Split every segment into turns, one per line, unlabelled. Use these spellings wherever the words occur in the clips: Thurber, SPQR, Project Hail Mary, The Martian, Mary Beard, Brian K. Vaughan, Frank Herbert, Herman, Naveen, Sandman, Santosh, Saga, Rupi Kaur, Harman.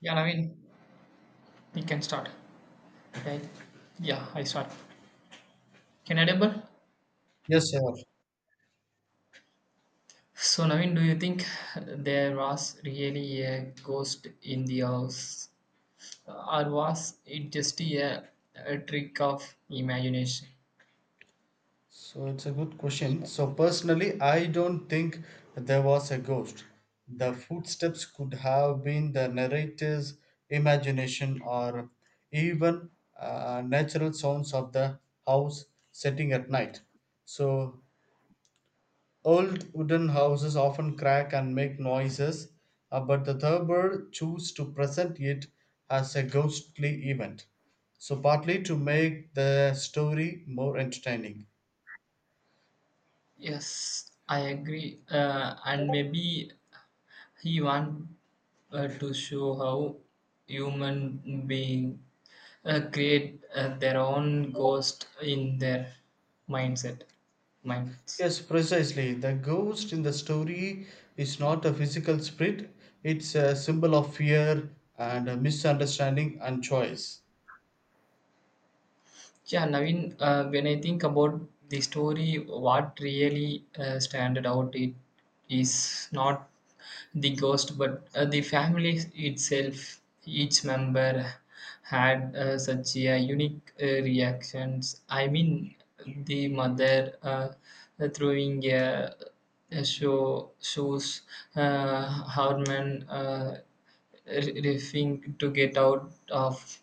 Yeah, Naveen, we can start. Okay. Yeah, I start. Can I double?
Yes, sir.
So, Naveen, do you think there was really a ghost in the house, or was it just a trick of imagination?
So it's a good question. So personally, I don't think there was a ghost. The footsteps could have been the narrator's imagination or even natural sounds of the house setting at night. So old wooden houses often crack and make noises, but the Thurber choose to present it as a ghostly event. So partly to make the story more entertaining.
Yes, I agree. And maybe he want to show how human being create their own ghost in their mindset, minds.
Yes, precisely. The ghost in the story is not a physical spirit, it's a symbol of fear and a misunderstanding and choice.
Yeah, Naveen, when I think about the story, what really standed out it is not the ghost, but the family itself. Each member had such a unique reactions. I mean, the mother throwing a show shoes, Harman refusing to get out of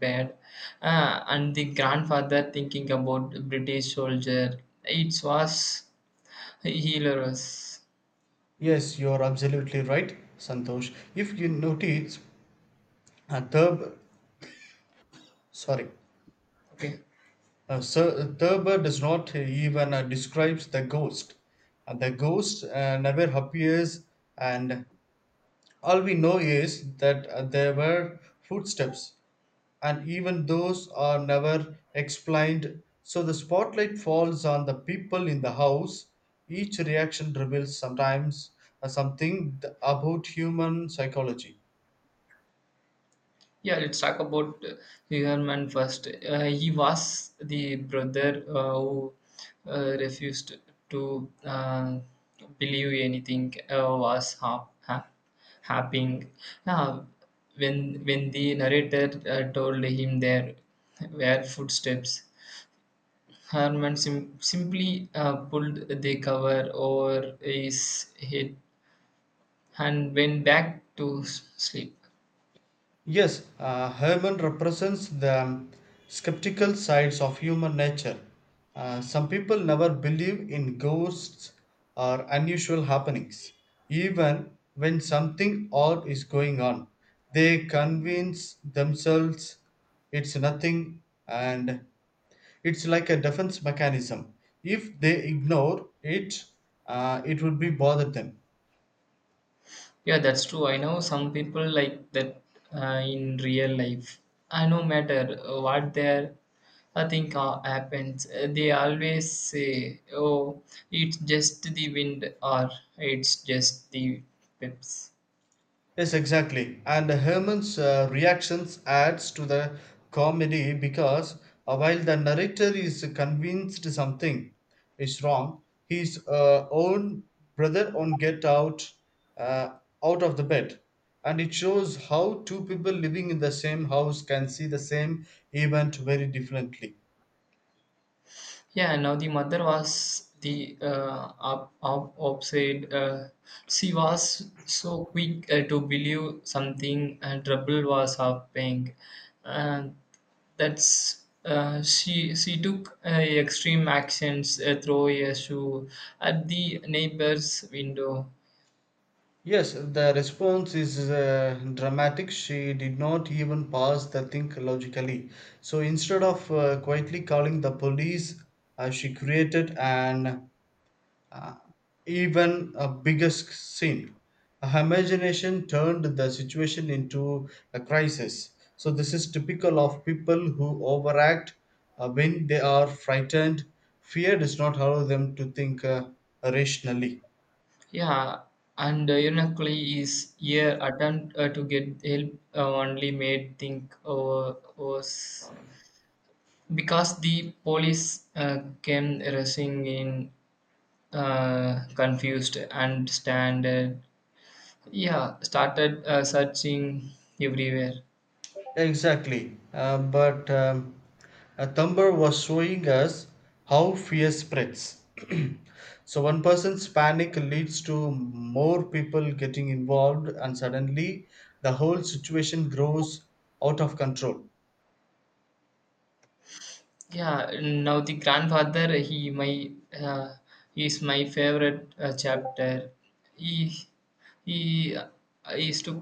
bad and the grandfather thinking about british soldier it was hilarious.
Yes, you're absolutely right, Santosh. If you notice, a Thurber, sorry,
Okay.
Sir, Thurber does not even describes the ghost. The ghost never appears, and all we know is that there were footsteps and even those are never explained. So the spotlight falls on the people in the house. Each reaction reveals sometimes something about human psychology.
Yeah, let's talk about herman first. He was the brother who refused to believe anything was happening uh, when when the narrator told him there were footsteps. Harman simply pulled the cover over his head and went back to sleep.
Yes, Herman represents the skeptical sides of human nature. Some people never believe in ghosts or unusual happenings. Even when something odd is going on, they convince themselves it's nothing and it's like a defense mechanism. If they ignore it, it would be bother them.
Yeah, that's true. I know some people like that in real life. I no matter what their I think happens, they always say, "Oh, it's just the wind," or "It's just the pips."
Yes, exactly. And Herman's reactions adds to the comedy because while the narrator is convinced something is wrong, his own brother on get out uh, out of the bed, and it shows how two people living in the same house can see the same event very differently.
Yeah, now the mother was the obsessed. She was so quick to believe something, and trouble was happening. And that's she. She took extreme actions, throw a shoe at the neighbor's window.
Yes, the response is dramatic. She did not even pause the think logically. So instead of quietly calling the police, she created an uh, even a bigger scene. Her imagination turned the situation into a crisis. So this is typical of people who overact when they are frightened. Fear does not allow them to think rationally.
Yeah, and ironically, his year attempt to get help only made think over worse, because the police came rushing in confused and standard. Yeah, started searching everywhere.
Exactly. But a Thumber was showing us how fear spreads. So one person's panic leads to more people getting involved, and suddenly the whole situation grows out of control.
Yeah, now the grandfather he my uh, is my favorite chapter. he he is to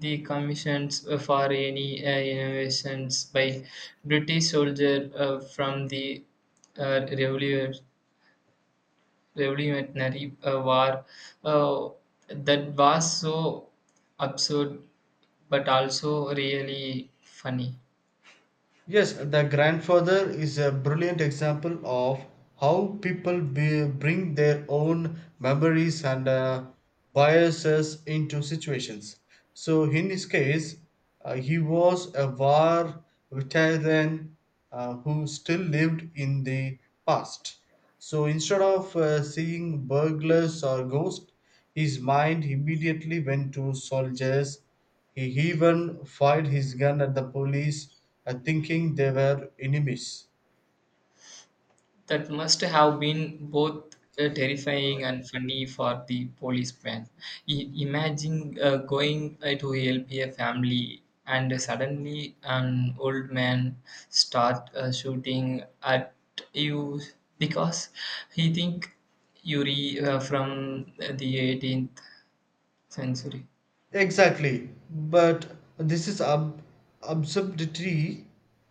the commissions for any innovations by british soldier from the uh, revolution revolutionary war. uh, that was so absurd but also really funny.
Yes, the grandfather is a brilliant example of how people bring their own memories and biases into situations. So, in his case, he was a war veteran who still lived in the past. So, instead of seeing burglars or ghosts, his mind immediately went to soldiers. He even fired his gun at the police, thinking they were enemies.
That must have been both terrifying and funny for the policeman. Imagine going to help a family and suddenly an old man start shooting at you because he think you from the 18th century.
Exactly. But this is absurdity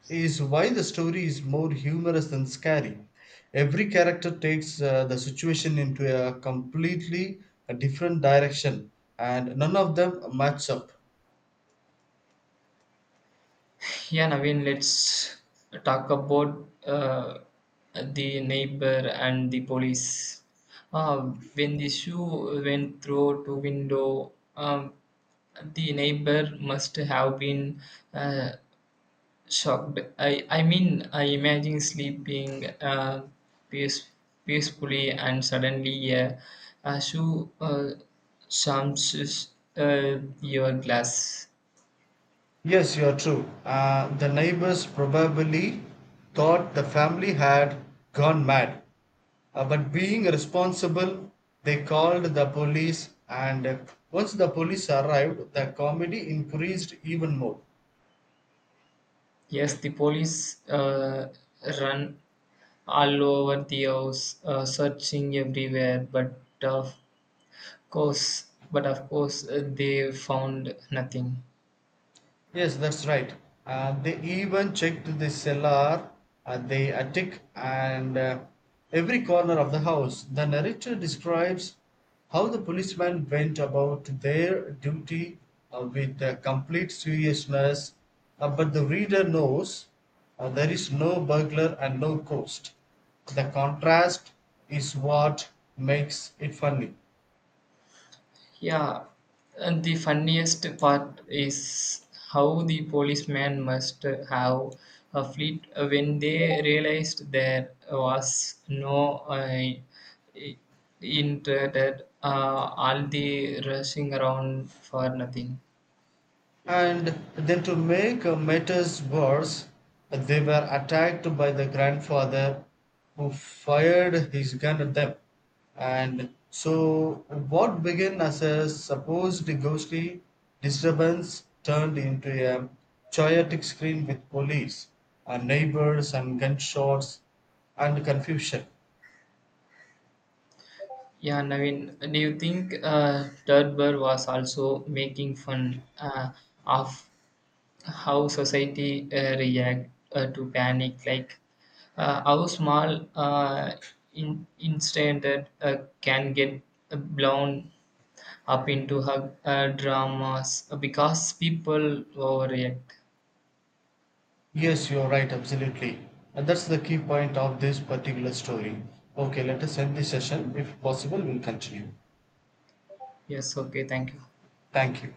is why the story is more humorous than scary. Every character takes the situation into a completely a different direction, and none of them match up.
Yeah, Naveen, let's talk about the neighbor and the police. When the shoe went through to window, um, the neighbor must have been uh, shocked. I mean, I imagine sleeping peace, peacefully and suddenly a shoe smashes your glass.
Yes, you are true. The neighbors probably thought the family had gone mad. But being responsible, they called the police, and once the police arrived, the comedy increased even more.
Yes, the police run all over the house, searching everywhere, but of course, they found nothing.
Yes, that's right. They even checked the cellar, the attic, and every corner of the house. The narrator describes how the policemen went about their duty with complete seriousness, but the reader knows there is no burglar and no ghost. The contrast is what makes it funny.
Yeah, and the funniest part is how the policeman must have a fleet when they realized there was no uh, i- intended all the rushing around for nothing.
And then to make matters worse, they were attacked by the grandfather who fired his gun at them. And so, what began as a supposed ghostly disturbance turned into a chaotic scream with police, and neighbors, and gunshots, and confusion.
Yeah, Naveen, do you think Thurber was also making fun of how society react to panic, like how small in instant uh, can get blown up into hug, dramas because people overreact.
Yes, you're right, absolutely. And that's the key point of this particular story. Okay, let us end this session. If possible, we'll continue.
Yes, okay, thank you.
Thank you.